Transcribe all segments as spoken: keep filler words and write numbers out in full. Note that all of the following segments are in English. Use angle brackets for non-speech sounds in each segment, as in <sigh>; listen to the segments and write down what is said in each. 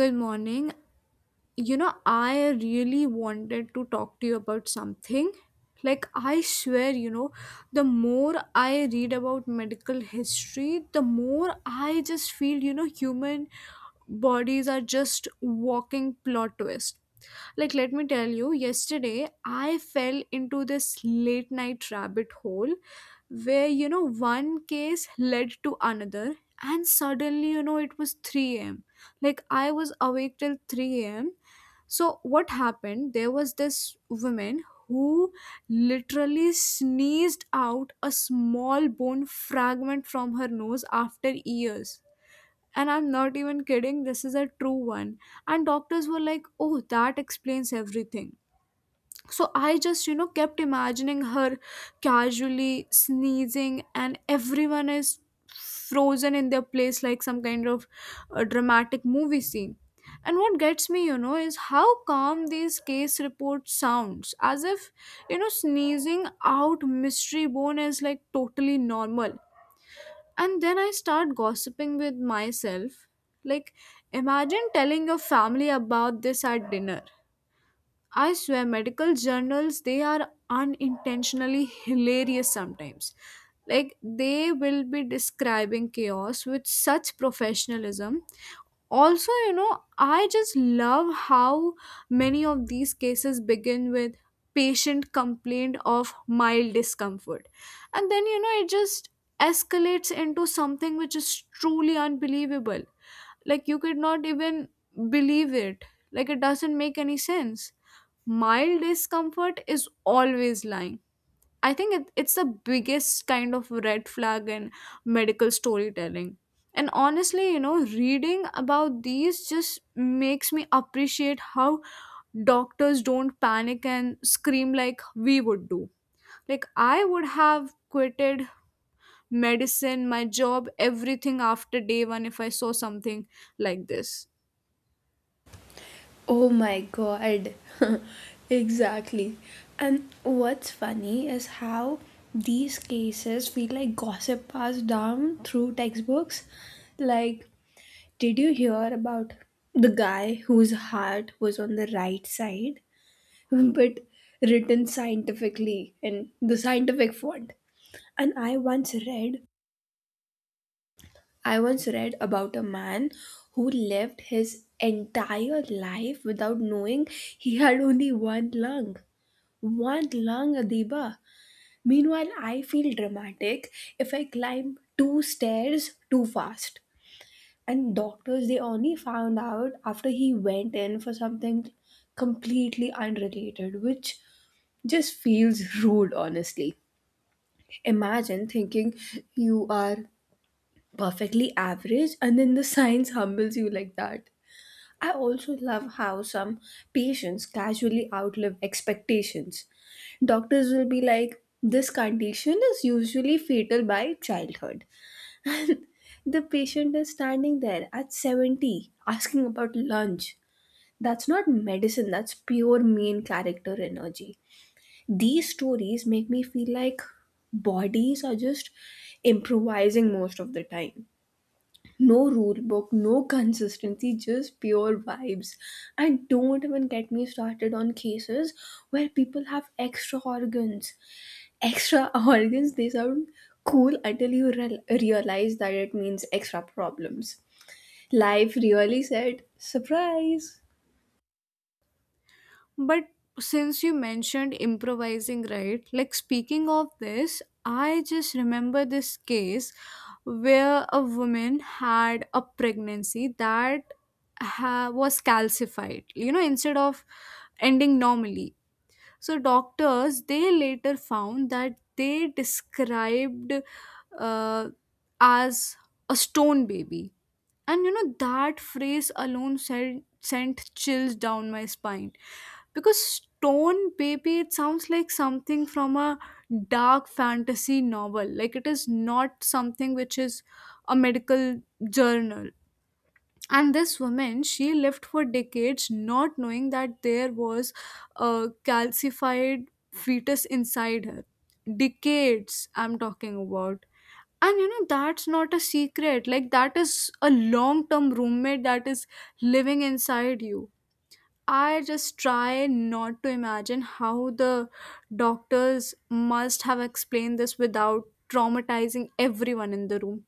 Good morning. you know I really wanted to talk to you about something. Like, I swear. You know the more I read about medical history, the more I just feel, you know human bodies are just walking plot twist. Like, let me tell you, yesterday I fell into this late night rabbit hole where, you know one case led to another, and suddenly, you know it was three a m. Like, I was awake till three a m. So what happened? There was this woman who literally sneezed out a small bone fragment from her nose after years. And I'm not even kidding, this is a true one. And doctors were like, oh, that explains everything. So I just, you know, kept imagining her casually sneezing, and everyone is frozen in their place like some kind of uh, dramatic movie scene. And what gets me, you know, is how calm these case reports sounds, as if, you know, sneezing out mystery bone is like totally normal. And then I start gossiping with myself. Like, imagine telling your family about this at dinner. I swear, medical journals they are unintentionally hilarious sometimes. Like they will be describing chaos with such professionalism. Also, you know, I just love how many of these cases begin with patient complaint of mild discomfort. And then, you know, it just escalates into something which is truly unbelievable, like you could not even believe it, like it doesn't make any sense. Mild discomfort is always lying. I think it, it's the biggest kind of red flag in medical storytelling. And honestly, you know reading about these just makes me appreciate how doctors don't panic and scream like we would do. Like, I would have quitted medicine, my job, everything after day one if I saw something like this. Oh my god. <laughs> Exactly. And what's funny is how these cases feel like gossip passed down through textbooks. Like, did you hear about the guy whose heart was on the right side, <laughs> but written scientifically in the scientific font? And I once read I once read about a man who lived his entire life without knowing he had only one lung. One lung, Adiba. Meanwhile, I feel dramatic if I climb two stairs too fast. And doctors, they only found out after he went in for something completely unrelated, which just feels rude, honestly. Imagine thinking you are perfectly average and then the science <laughs> humbles you like that. I also love how some patients casually outlive expectations. Doctors will be like, this condition is usually fatal by childhood. The patient is standing there at seventy asking about lunch. That's not medicine, that's pure mean character energy. These stories make me feel like bodies are just improvising most of the time, no rule book, no consistency, just pure vibes. And don't even get me started on cases where people have extra organs. Extra <laughs> organs, they sound cool until you re- realize that it means extra problems. Life really said, surprise! But since you mentioned improvising, right? Like, speaking of this, I just remember this case where a woman had a pregnancy that ha- was calcified. You know, instead of ending normally, so doctors they later found that they described uh, as a stone baby, and you know that phrase alone sent sent chills down my spine, because stone baby, it sounds like something from a dark fantasy novel. Like, it is not something which is a medical journal. And this woman, she lived for decades, not knowing that there was a calcified fetus inside her. Decades, I'm talking about. And you know that's not a secret. Like, that is a long term roommate that is living inside you. I just try not to imagine how the doctors must have explained this without traumatizing everyone in the room,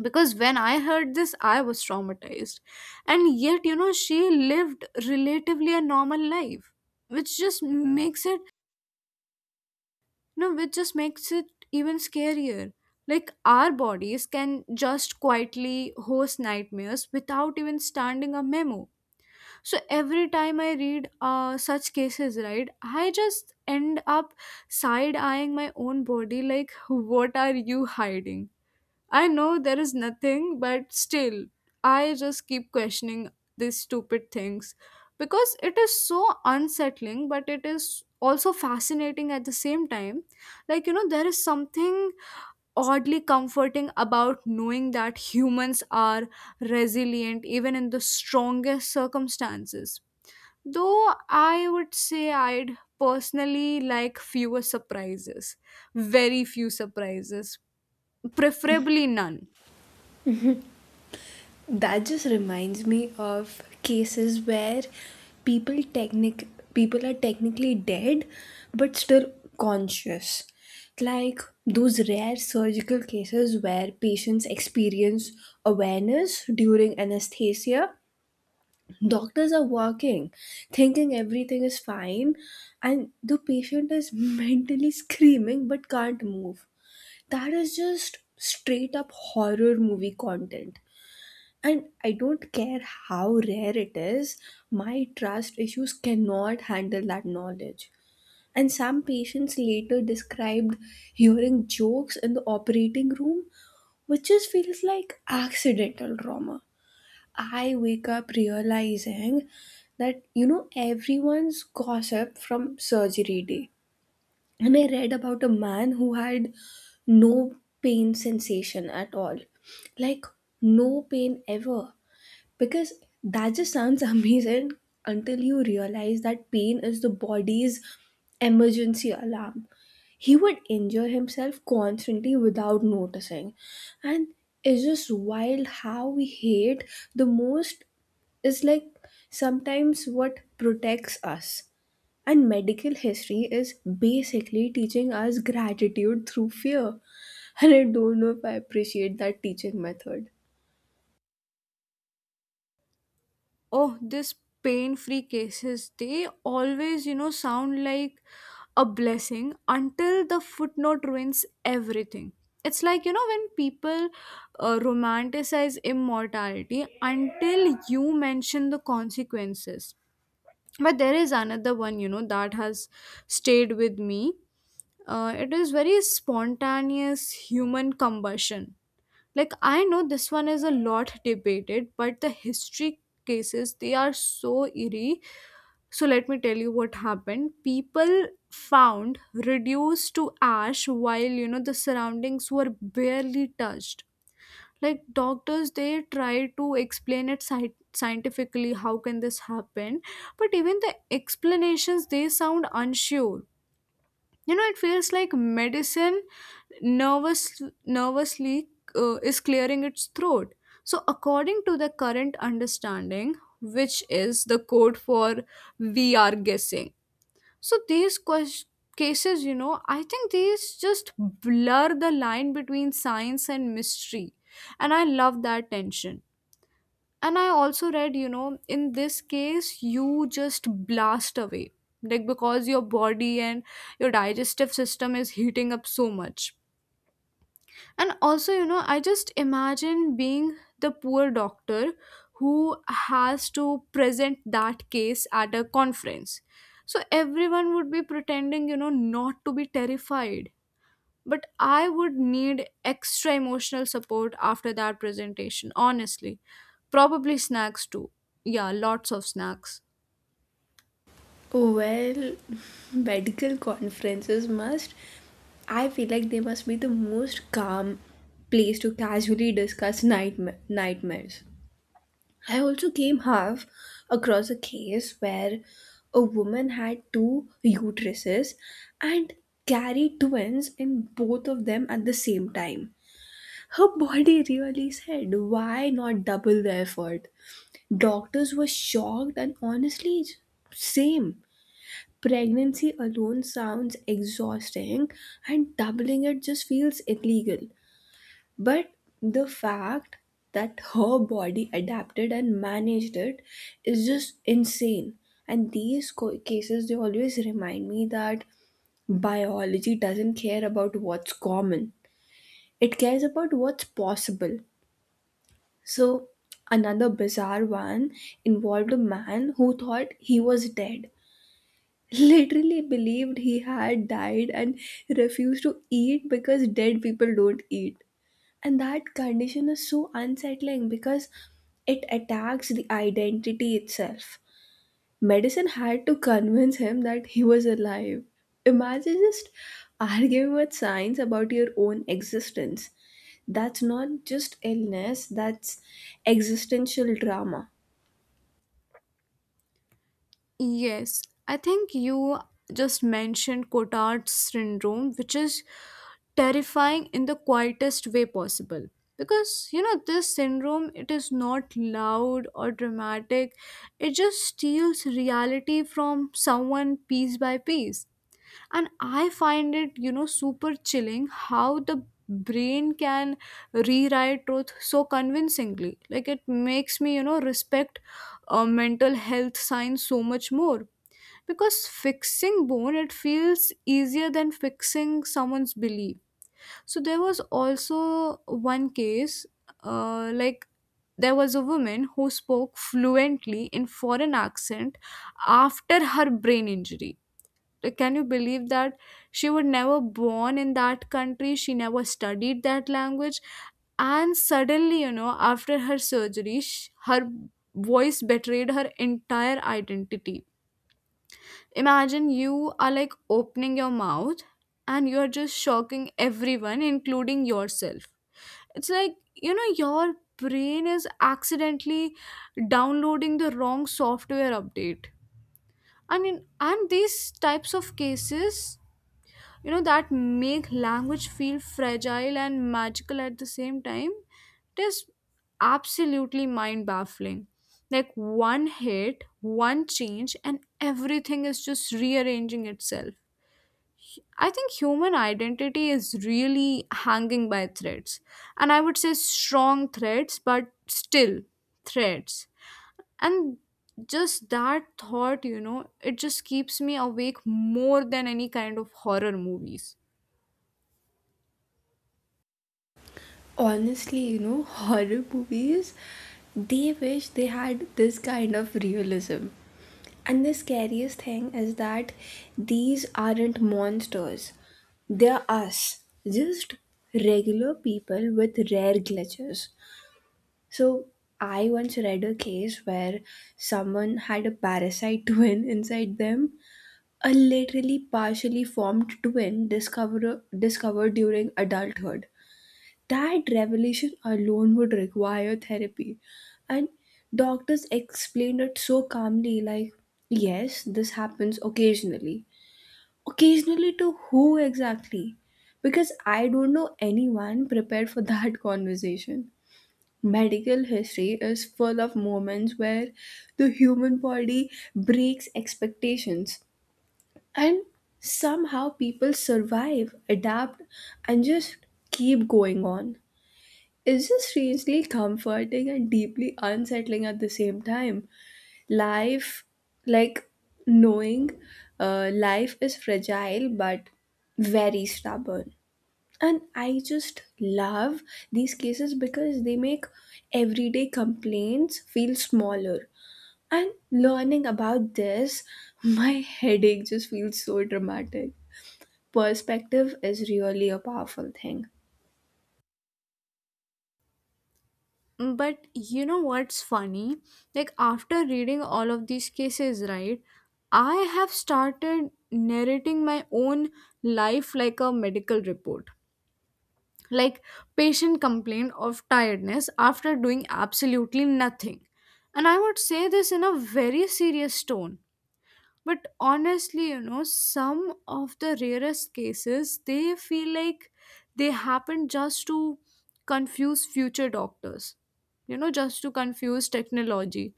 because when I heard this, I was traumatized. And yet, you know, she lived relatively a normal life, which just makes it, you know which just makes it even scarier. Like, our bodies can just quietly host nightmares without even standing a memo. So every time I read uh, such cases, right, I just end up side eyeing my own body like, what are you hiding? I know there is nothing, but still, I just keep questioning these stupid things because it is so unsettling, but it is also fascinating at the same time. Like, you know, there is something oddly comforting about knowing that humans are resilient even in the strongest circumstances. Though I would say I'd personally like fewer surprises, very few surprises, preferably none. That just reminds me of cases where people technic people are technically dead but still conscious. Like those rare surgical cases where patients experience awareness during anesthesia. Doctors are working, thinking everything is fine, and the patient is <laughs> mentally screaming but can't move. That is just straight up horror movie content, and I don't care how rare it is, my trust issues cannot handle that knowledge. And some patients later described hearing jokes in the operating room, which just feels like accidental trauma. I wake up realizing that, you know, everyone's gossip from surgery day. And I read about a man who had no pain sensation at all, like no pain ever, because that just sounds <laughs> amazing until you realize that pain is the body's emergency alarm. He would injure himself constantly without noticing. And it's just wild how we hate the most is like sometimes what protects us. And medical history is basically teaching us gratitude through fear. <laughs> And I don't know if I appreciate that teaching method. Oh, this pain free cases they always, you know, sound like a blessing until the footnote ruins everything. It's like, you know, when people uh, romanticize immortality until you mention the consequences. But there is another one, you know, that has stayed with me. Uh, it is very spontaneous human combustion. Like, I know this one is a lot debated, but the history cases, they are so eerie. So let me tell you what happened. People found reduced to ash while, you know, the surroundings were barely touched. Like, doctors, they try to explain it sci- scientifically, how can this happen? But even the explanations, they sound unsure. You know, it feels like medicine nervous nervously uh, is clearing its throat. So according to the current understanding, which is the code for, we are guessing. So these ques- cases, you know, I think these just blur the line between science and mystery, and I love that tension. And I also read, you know, in this case you just blast away, like, because your body and your digestive system is heating up so much. And also, you know, I just imagine being the poor doctor who has to present that case at a conference. So everyone would be pretending, you know, not to be terrified. But I would need extra emotional support after that presentation, honestly. Probably snacks too. Yeah, lots of snacks. Well, <laughs> medical conferences must, I feel like they must be the most calm place to casually discuss nightma- nightmares. I also came half across a case where a woman had two uteruses and carried twins in both of them at the same time. Her body really said, why not double the effort? Doctors were shocked and honestly, same. Pregnancy alone sounds exhausting, and doubling it just feels illegal. But the fact that her body adapted and managed it is just insane. And these co- cases, they always remind me that biology doesn't care about what's common, it cares about what's possible. So, another bizarre one involved a man who thought he was dead, literally believed he had died and refused to eat because dead people don't eat. And that condition is so unsettling because it attacks the identity itself. Medicine had to convince him that he was alive. Imagine just arguing with science about your own existence. That's not just illness, that's existential drama. Yes, I think you just mentioned Cotard's syndrome, which is terrifying in the quietest way possible. Because, you know, this syndrome, it is not loud or dramatic. It just steals reality from someone piece by piece. And I find it, you know, super chilling how the brain can rewrite truth so convincingly. Like, it makes me, you know, respect uh, mental health science so much more, because fixing bone, it feels easier than fixing someone's belief. So there was also one case, uh, like, there was a woman who spoke fluently in foreign accent after her brain injury. Like, can you believe that? She was never born in that country, she never studied that language, and suddenly, you know, after her surgery, sh her voice betrayed her entire identity. Imagine you are like opening your mouth and you're just shocking everyone, including yourself. It's like, you know, your brain is accidentally downloading the wrong software update. I mean, and these types of cases, you know, that make language feel fragile and magical at the same time, it is absolutely mind baffling. Like, one hit, one change, and everything is just rearranging itself. I think human identity is really hanging by threads. And I would say strong threads, but still threads. And just that thought, you know, it just keeps me awake more than any kind of horror movies. Honestly, you know <laughs> horror movies, they wish they had this kind of realism, and the scariest thing is that these aren't monsters, they're us, just regular people with rare glitches. So I once read a case where someone had a parasite <laughs> twin inside them, a literally partially formed twin discover- discovered during adulthood. That revelation alone would require therapy. And doctors explained it so calmly, like, yes, this happens occasionally. Occasionally to who exactly? Because I don't know anyone prepared for that <laughs> conversation. Medical history is full of moments where the human body breaks expectations. And somehow people survive, adapt, and just keep going on. It's just strangely comforting and deeply unsettling at the same time. Life, like, knowing uh, life is fragile but very stubborn. And I just love these cases because they make everyday complaints feel smaller. And learning about this, <laughs> my headache just feels so dramatic. Perspective is really a powerful thing. But you know what's funny? Like, after reading all of these cases, right, I have started narrating my own life like a medical report. Like, patient complained of tiredness after doing absolutely nothing. And I would say this in a very serious tone. But honestly, you know, some of the rarest cases, they feel like they happen just to confuse future doctors, you know, just to confuse technology,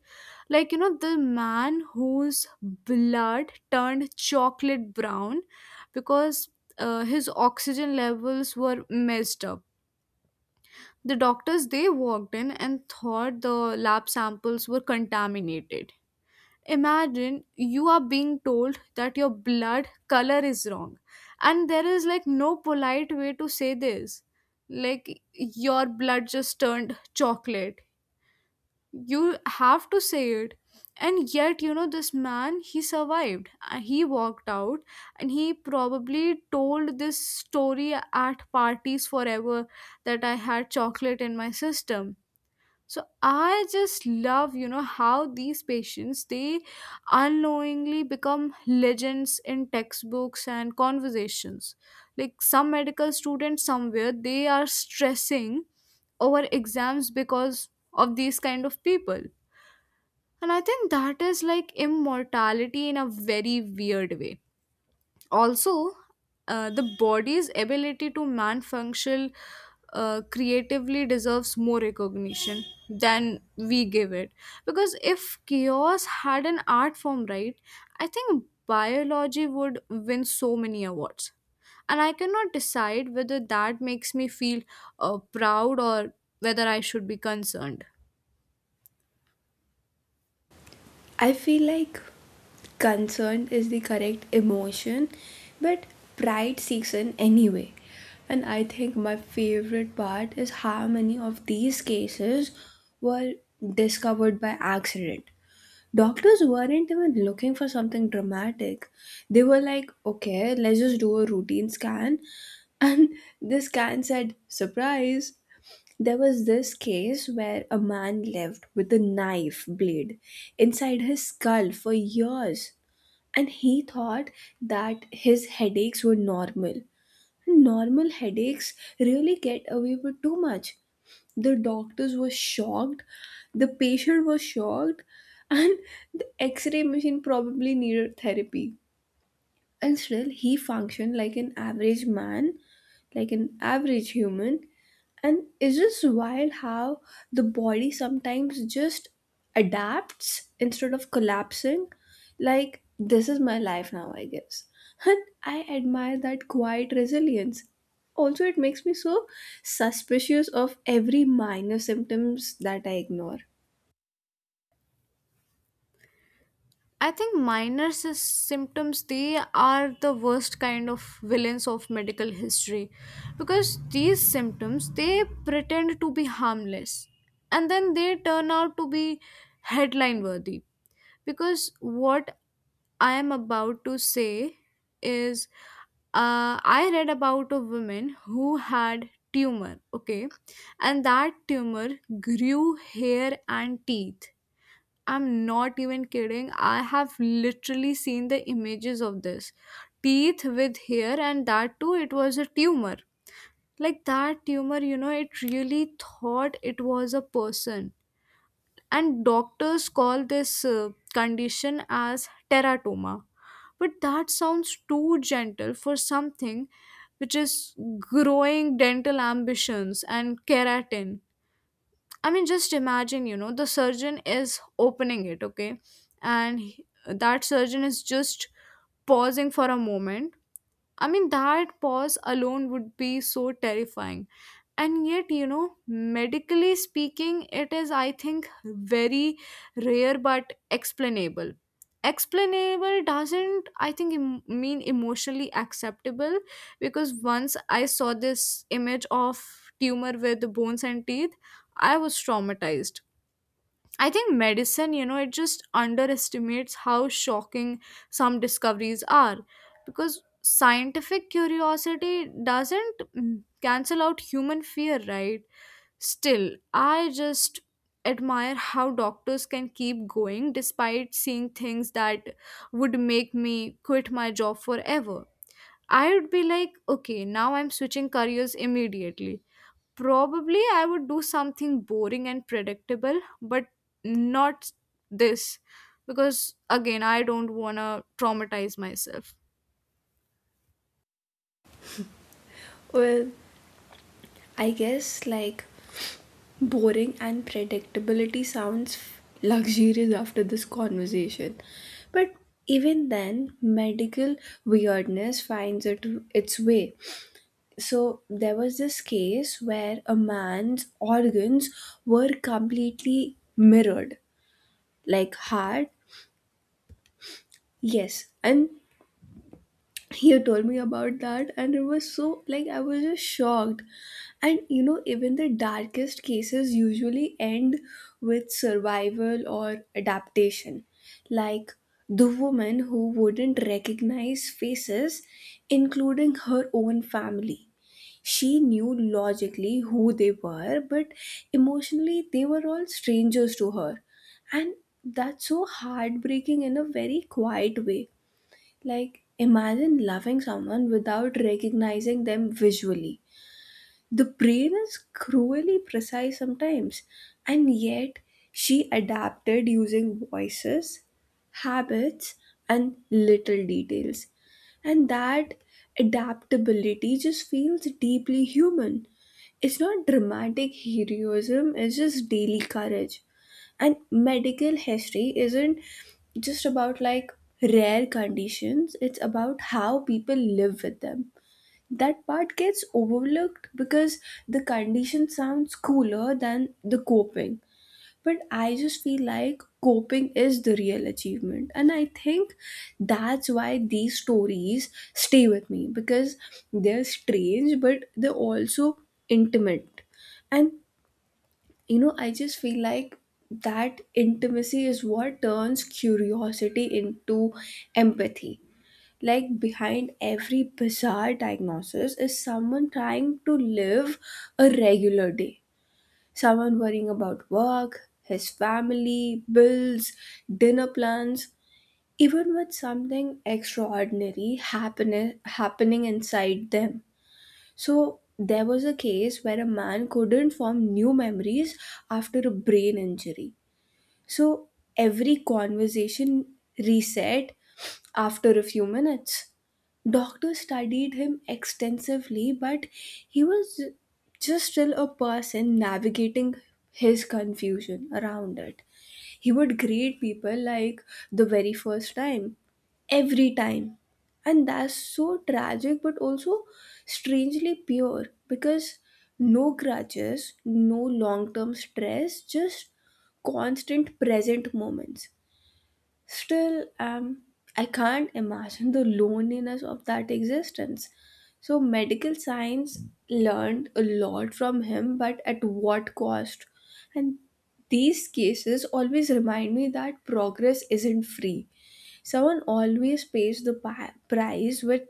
like, you know, the man whose blood turned chocolate brown, because uh, his oxygen levels were messed up. The doctors, they walked in and thought the lab samples were contaminated. Imagine you are being told that your blood color is wrong, and there is like no polite way to say this. Like, your blood just turned chocolate. You have to say it. And yet, you know, this man, he survived. Uh, He walked out and he probably told this story at parties forever, that I had chocolate in my system. So I just love, you know, how these patients, they unknowingly become legends in textbooks and conversations. Like, some medical students somewhere, they are stressing over exams because of these kind of people. And I think that is like immortality in a very weird way. Also, uh, the body's ability to man function uh, creatively deserves more recognition than we give it, because if chaos had an art form, right, I think biology would win so many awards. And I cannot decide whether that makes me feel uh, proud, or whether I should be concerned. I feel like concern is the correct emotion, but pride seeks an anyway. And I think my favorite part is how many of these cases were discovered by accident. Doctors weren't even looking for something dramatic. They were like, okay, let's just do a routine scan. <laughs> And the scan said, surprise, there was this case where a man lived with a knife blade inside his skull for years, and he thought that his headaches were normal. Normal headaches really get away with too much. The doctors were shocked, the patient was shocked, and the x ray machine probably needed therapy. And still, he functioned like an average man, like an average human, and it's just wild how the body sometimes just adapts instead of collapsing. Like, this is my life now, I guess. And I admire that quiet resilience. Also, it makes me so suspicious of every minor symptoms that I ignore. I think minor sys- symptoms, they are the worst kind of villains of medical history, because these symptoms, they pretend to be harmless, and then they turn out to be headline worthy. Because what I am about to say is, uh, I read about a woman who had tumor, okay, and that tumor grew hair and teeth. I'm not even kidding. I have literally seen the images of this. Teeth with hair, and that too, it was a tumor. Like, that tumor, you know, it really thought it was a person. And doctors call this uh, condition as teratoma. But that sounds too gentle for something which is growing dental ambitions and keratin. I mean, just imagine, you know, the surgeon is opening it, okay? And he- that surgeon is just pausing for a moment. I mean, that pause alone would be so terrifying. And yet, you know, medically speaking, it is, I think, very rare but explainable. Explainable doesn't, I think, em- mean emotionally acceptable, because once I saw this image of tumor with bones and teeth, I was traumatized. I think medicine, you know, it just underestimates how shocking some discoveries are, because scientific curiosity doesn't mm, cancel out human fear, right? Still, I just admire how doctors can keep going despite seeing things that would make me quit my job forever. I would be like, okay, now I'm switching careers immediately. Probably I would do something boring and predictable, but not this, because again, I don't want to traumatize myself. Well, I guess, like, boring and predictability sounds luxurious after this conversation. But even then, medical weirdness finds it, its way. So, there was this case where a man's organs were completely mirrored, like heart, yes, and you told me about that and it was so, like, I was just shocked. And you know, even the darkest cases usually end with survival or adaptation, like the woman who wouldn't recognize faces, including her own family. She knew logically who they were, but emotionally they were all strangers to her. And that's so heartbreaking in a very quiet way. Like, imagine loving someone without recognizing them visually. The brain is cruelly precise sometimes, and yet she adapted using voices, habits, and little details. And that adaptability just feels deeply human. It's not dramatic heroism, it's just daily courage, and medical history isn't just about, like, rare conditions, it's about how people live with them. That part gets overlooked because the condition sounds cooler than the coping, but I just feel like coping is the real achievement, and I think that's why these stories stay with me, because they're strange but they're also intimate. And you know I just feel like that intimacy is what turns curiosity into empathy, like behind every bizarre diagnosis is someone trying to live a regular day, someone worrying about work, his family, bills, dinner plans, even with something extraordinary happen- happening inside them. So there was a case where a man couldn't form new memories after a brain injury. So every conversation reset after a few minutes. Doctors studied him extensively, but he was just still a person navigating his confusion around it. He would grade people like the very first time, every time. And that's so tragic, but also strangely pure because no grudges, no long term stress, just constant present moments. Still, um, I can't imagine the loneliness of that existence. So, medical science learned a lot from him, but at what cost? And these cases always remind me that progress isn't free. Someone always pays the pi- price with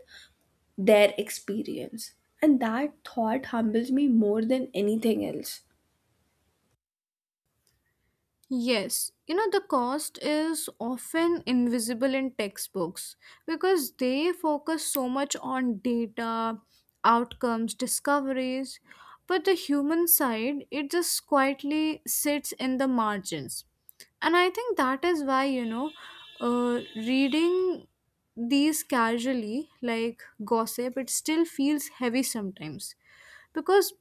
their experience. And that thought humbles me more than anything else. Yes, you know, the cost is often invisible in textbooks, because they focus so much on data, outcomes, discoveries, but the human side, it just quietly sits in the margins. And I think that is why, you know, uh, reading these casually, like gossip, it still feels heavy sometimes, because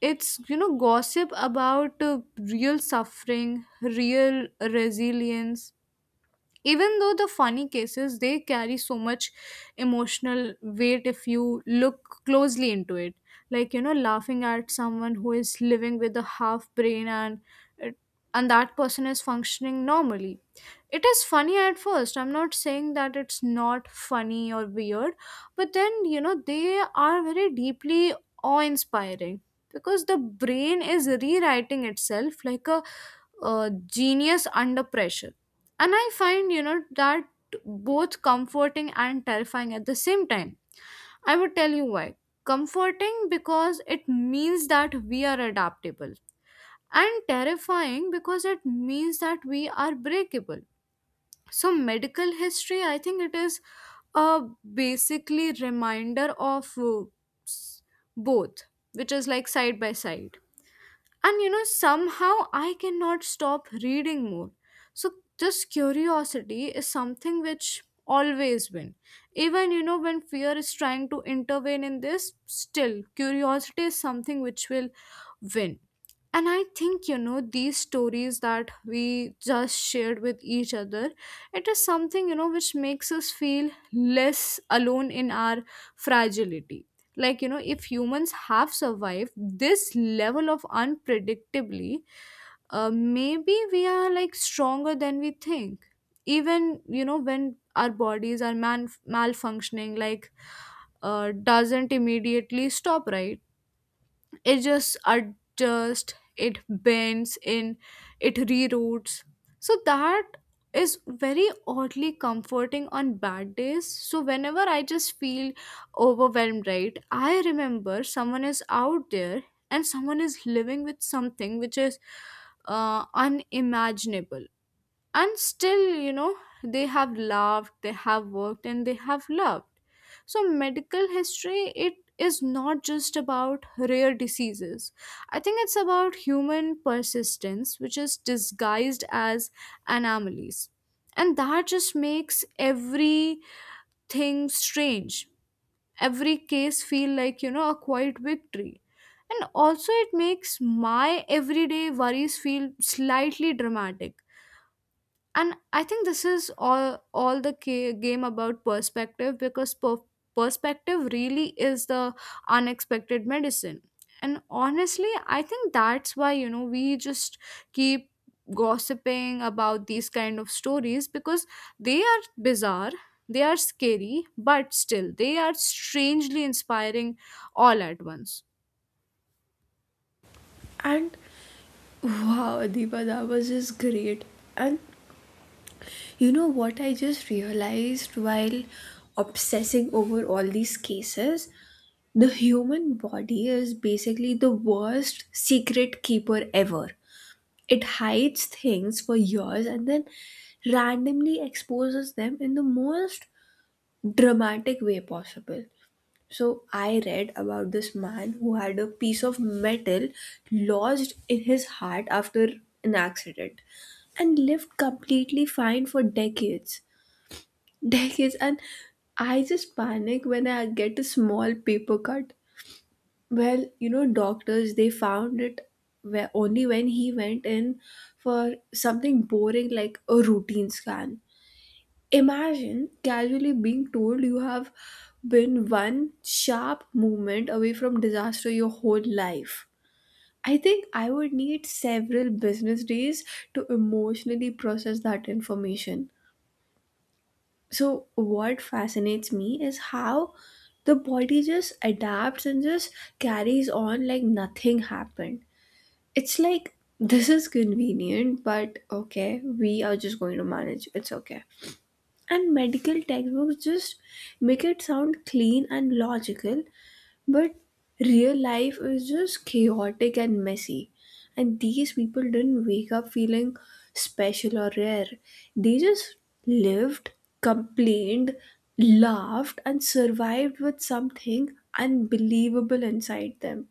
it's, you know, gossip about uh, real suffering, real resilience. Even though the funny cases, they carry so much emotional weight if you look closely into it. Like, you know, laughing at someone who is living with a half brain, and it- and that person is functioning normally, it is funny at first. I'm not saying that it's not funny or weird. But then, you know, they are very deeply awe inspiring, because the brain is rewriting itself like a, a genius under pressure. And I find, you know, that both comforting and terrifying at the same time. I would tell you why. Comforting because it means that we are adaptable, and terrifying because it means that we are breakable. So medical history, I think, it is a basically reminder of uh, s- both, which is like side by side. And you know, somehow, I cannot stop reading more. So this curiosity is something which always win, even, you know, when fear is trying to intervene in this, still, curiosity is something which will win. And I think, you know, these stories that we just shared with each other, it is something, you know, which makes us feel less alone in our fragility. Like, you know, if humans have survived this level of unpredictably, uh, maybe we are like stronger than we think. Even, you know, when our bodies are man- malfunctioning, like, uh, doesn't immediately stop, right, it just adjusts, it bends in, it reroutes. So that is very oddly comforting on bad days. So whenever I just feel overwhelmed, right, I remember someone is out there, and someone is living with something which is uh, unimaginable. And still, you know, they have loved, they have worked, and they have loved. So medical history, it is not just about rare diseases, I think it's about human persistence which is disguised as anomalies. And that just makes everything strange. Every case feel like, you know, a quiet victory. And also, it makes my everyday worries feel slightly dramatic. And I think this is all all the ca- game about perspective, because per- perspective really is the unexpected medicine. And honestly, I think that's why, you know, we just keep gossiping about these kind of stories, because they are bizarre, they are scary, but still they are strangely inspiring all at once. And wow, Adiba, that was just great. And you know what I just realized while obsessing over all these cases? The human body is basically the worst secret keeper ever. It hides things for years and then randomly exposes them in the most dramatic way possible. So, I read about this man who had a piece of metal lodged in his heart after an accident and lived completely fine for decades, decades. And I just panic when I get a small paper cut. Well, you know, doctors, they found it where only when he went in for something boring like a routine scan. Imagine casually being told you have been one sharp movement away from disaster your whole life. I think I would need several business days to emotionally process that information. So what fascinates me is how the body just adapts and just carries on like nothing happened. It's like, this is convenient, but okay, we are just going to manage, it's okay. And medical textbooks just make it sound clean and logical, but real life is just chaotic and messy. And these people didn't wake up feeling special or rare. They just lived, complained, laughed, and survived with something unbelievable inside them.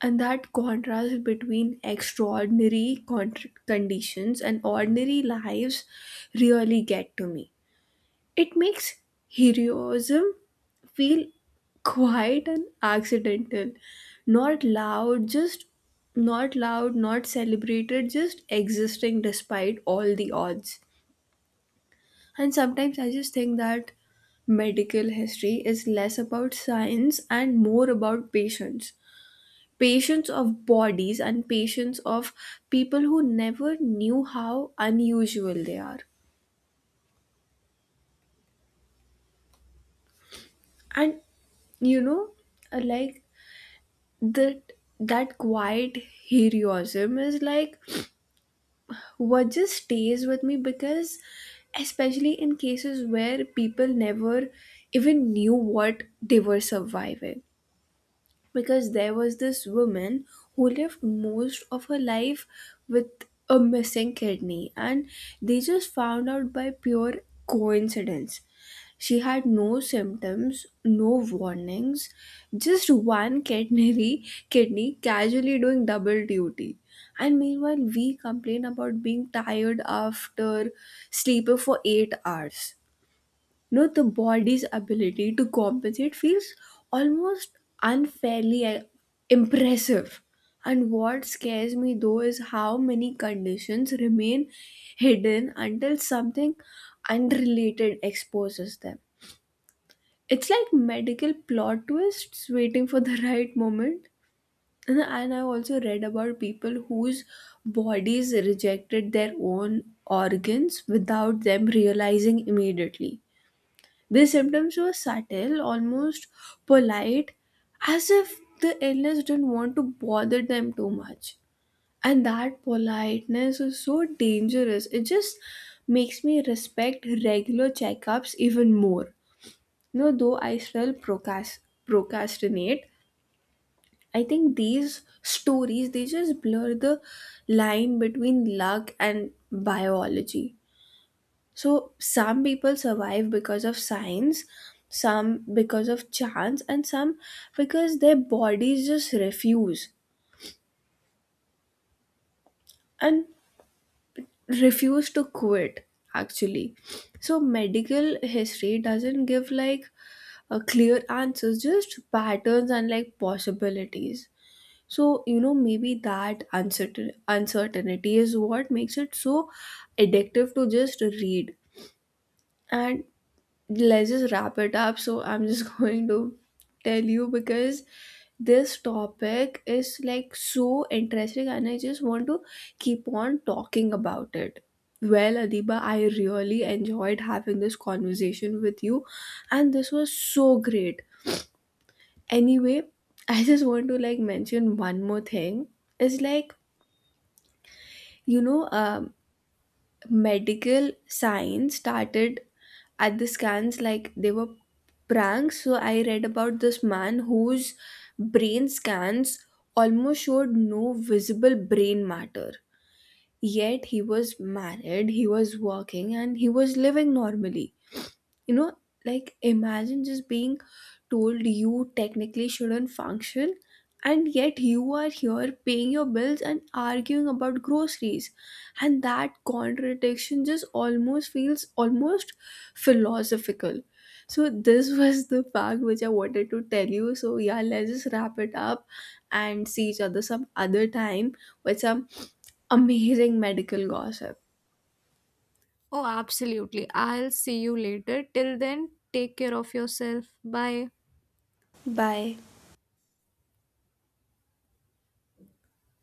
And that contrast between extraordinary con- conditions and ordinary lives really get to me. It makes heroism feel quiet and accidental, not loud, just not loud, not celebrated, just existing despite all the odds. And sometimes I just think that medical history is less about science and more about patience, patients of bodies and patients of people who never knew how unusual they are. And you know, uh, like, that that quiet heroism is like what just stays with me, because especially in cases where people never even knew what they were surviving. Because there was this woman who lived most of her life with a missing kidney, and they just found out by pure coincidence. She had no symptoms, no warnings, just one kidney <laughs> kidney casually doing double duty. And meanwhile we complain about being tired after sleeping for eight hours. No, the body's ability to compensate feels almost unfairly uh, impressive. And what scares me though is how many conditions remain hidden until something unrelated exposes them. It's like medical plot twists waiting for the <laughs> right moment. And and I also read about people whose bodies rejected their own organs without them realizing immediately. The symptoms were subtle, almost polite, as if the illness didn't want to bother them too much. And that politeness is so dangerous. It just makes me respect regular checkups even more. You know, though I still procrast- procrastinate, I think these stories, they just blur the line between luck and biology. So some people survive because of science, some because of chance, and some because their bodies just refuse and refuse to quit, actually. So medical history doesn't give, like, a clear answers, just patterns and, like, possibilities. So you know, maybe that uncertain uncertainty is what makes it so addictive to just read. And let's just wrap it up. So I'm just <laughs> going to tell you, because this topic is, like, so interesting and I just want to keep on talking about it. Well, Adiba, I really enjoyed having this conversation with you and this was so great. Anyway, <laughs> I just want to, like, mention one more thing. It's like, you know, um, medical science started at the scans like they were pranks. So I read about this man whose brain scans almost showed no visible brain matter, yet he was married, he was working, and he was living normally, you know. Like, imagine just being told you technically shouldn't function, and yet you are here paying your bills and arguing about groceries. And that contradiction just almost feels almost philosophical. So this <laughs> was the fact which I wanted to tell you. So yeah, let's just wrap it up and see each other some other time with some amazing medical gossip. Oh, absolutely. I'll see you later. Till then, take care of yourself. Bye. Bye.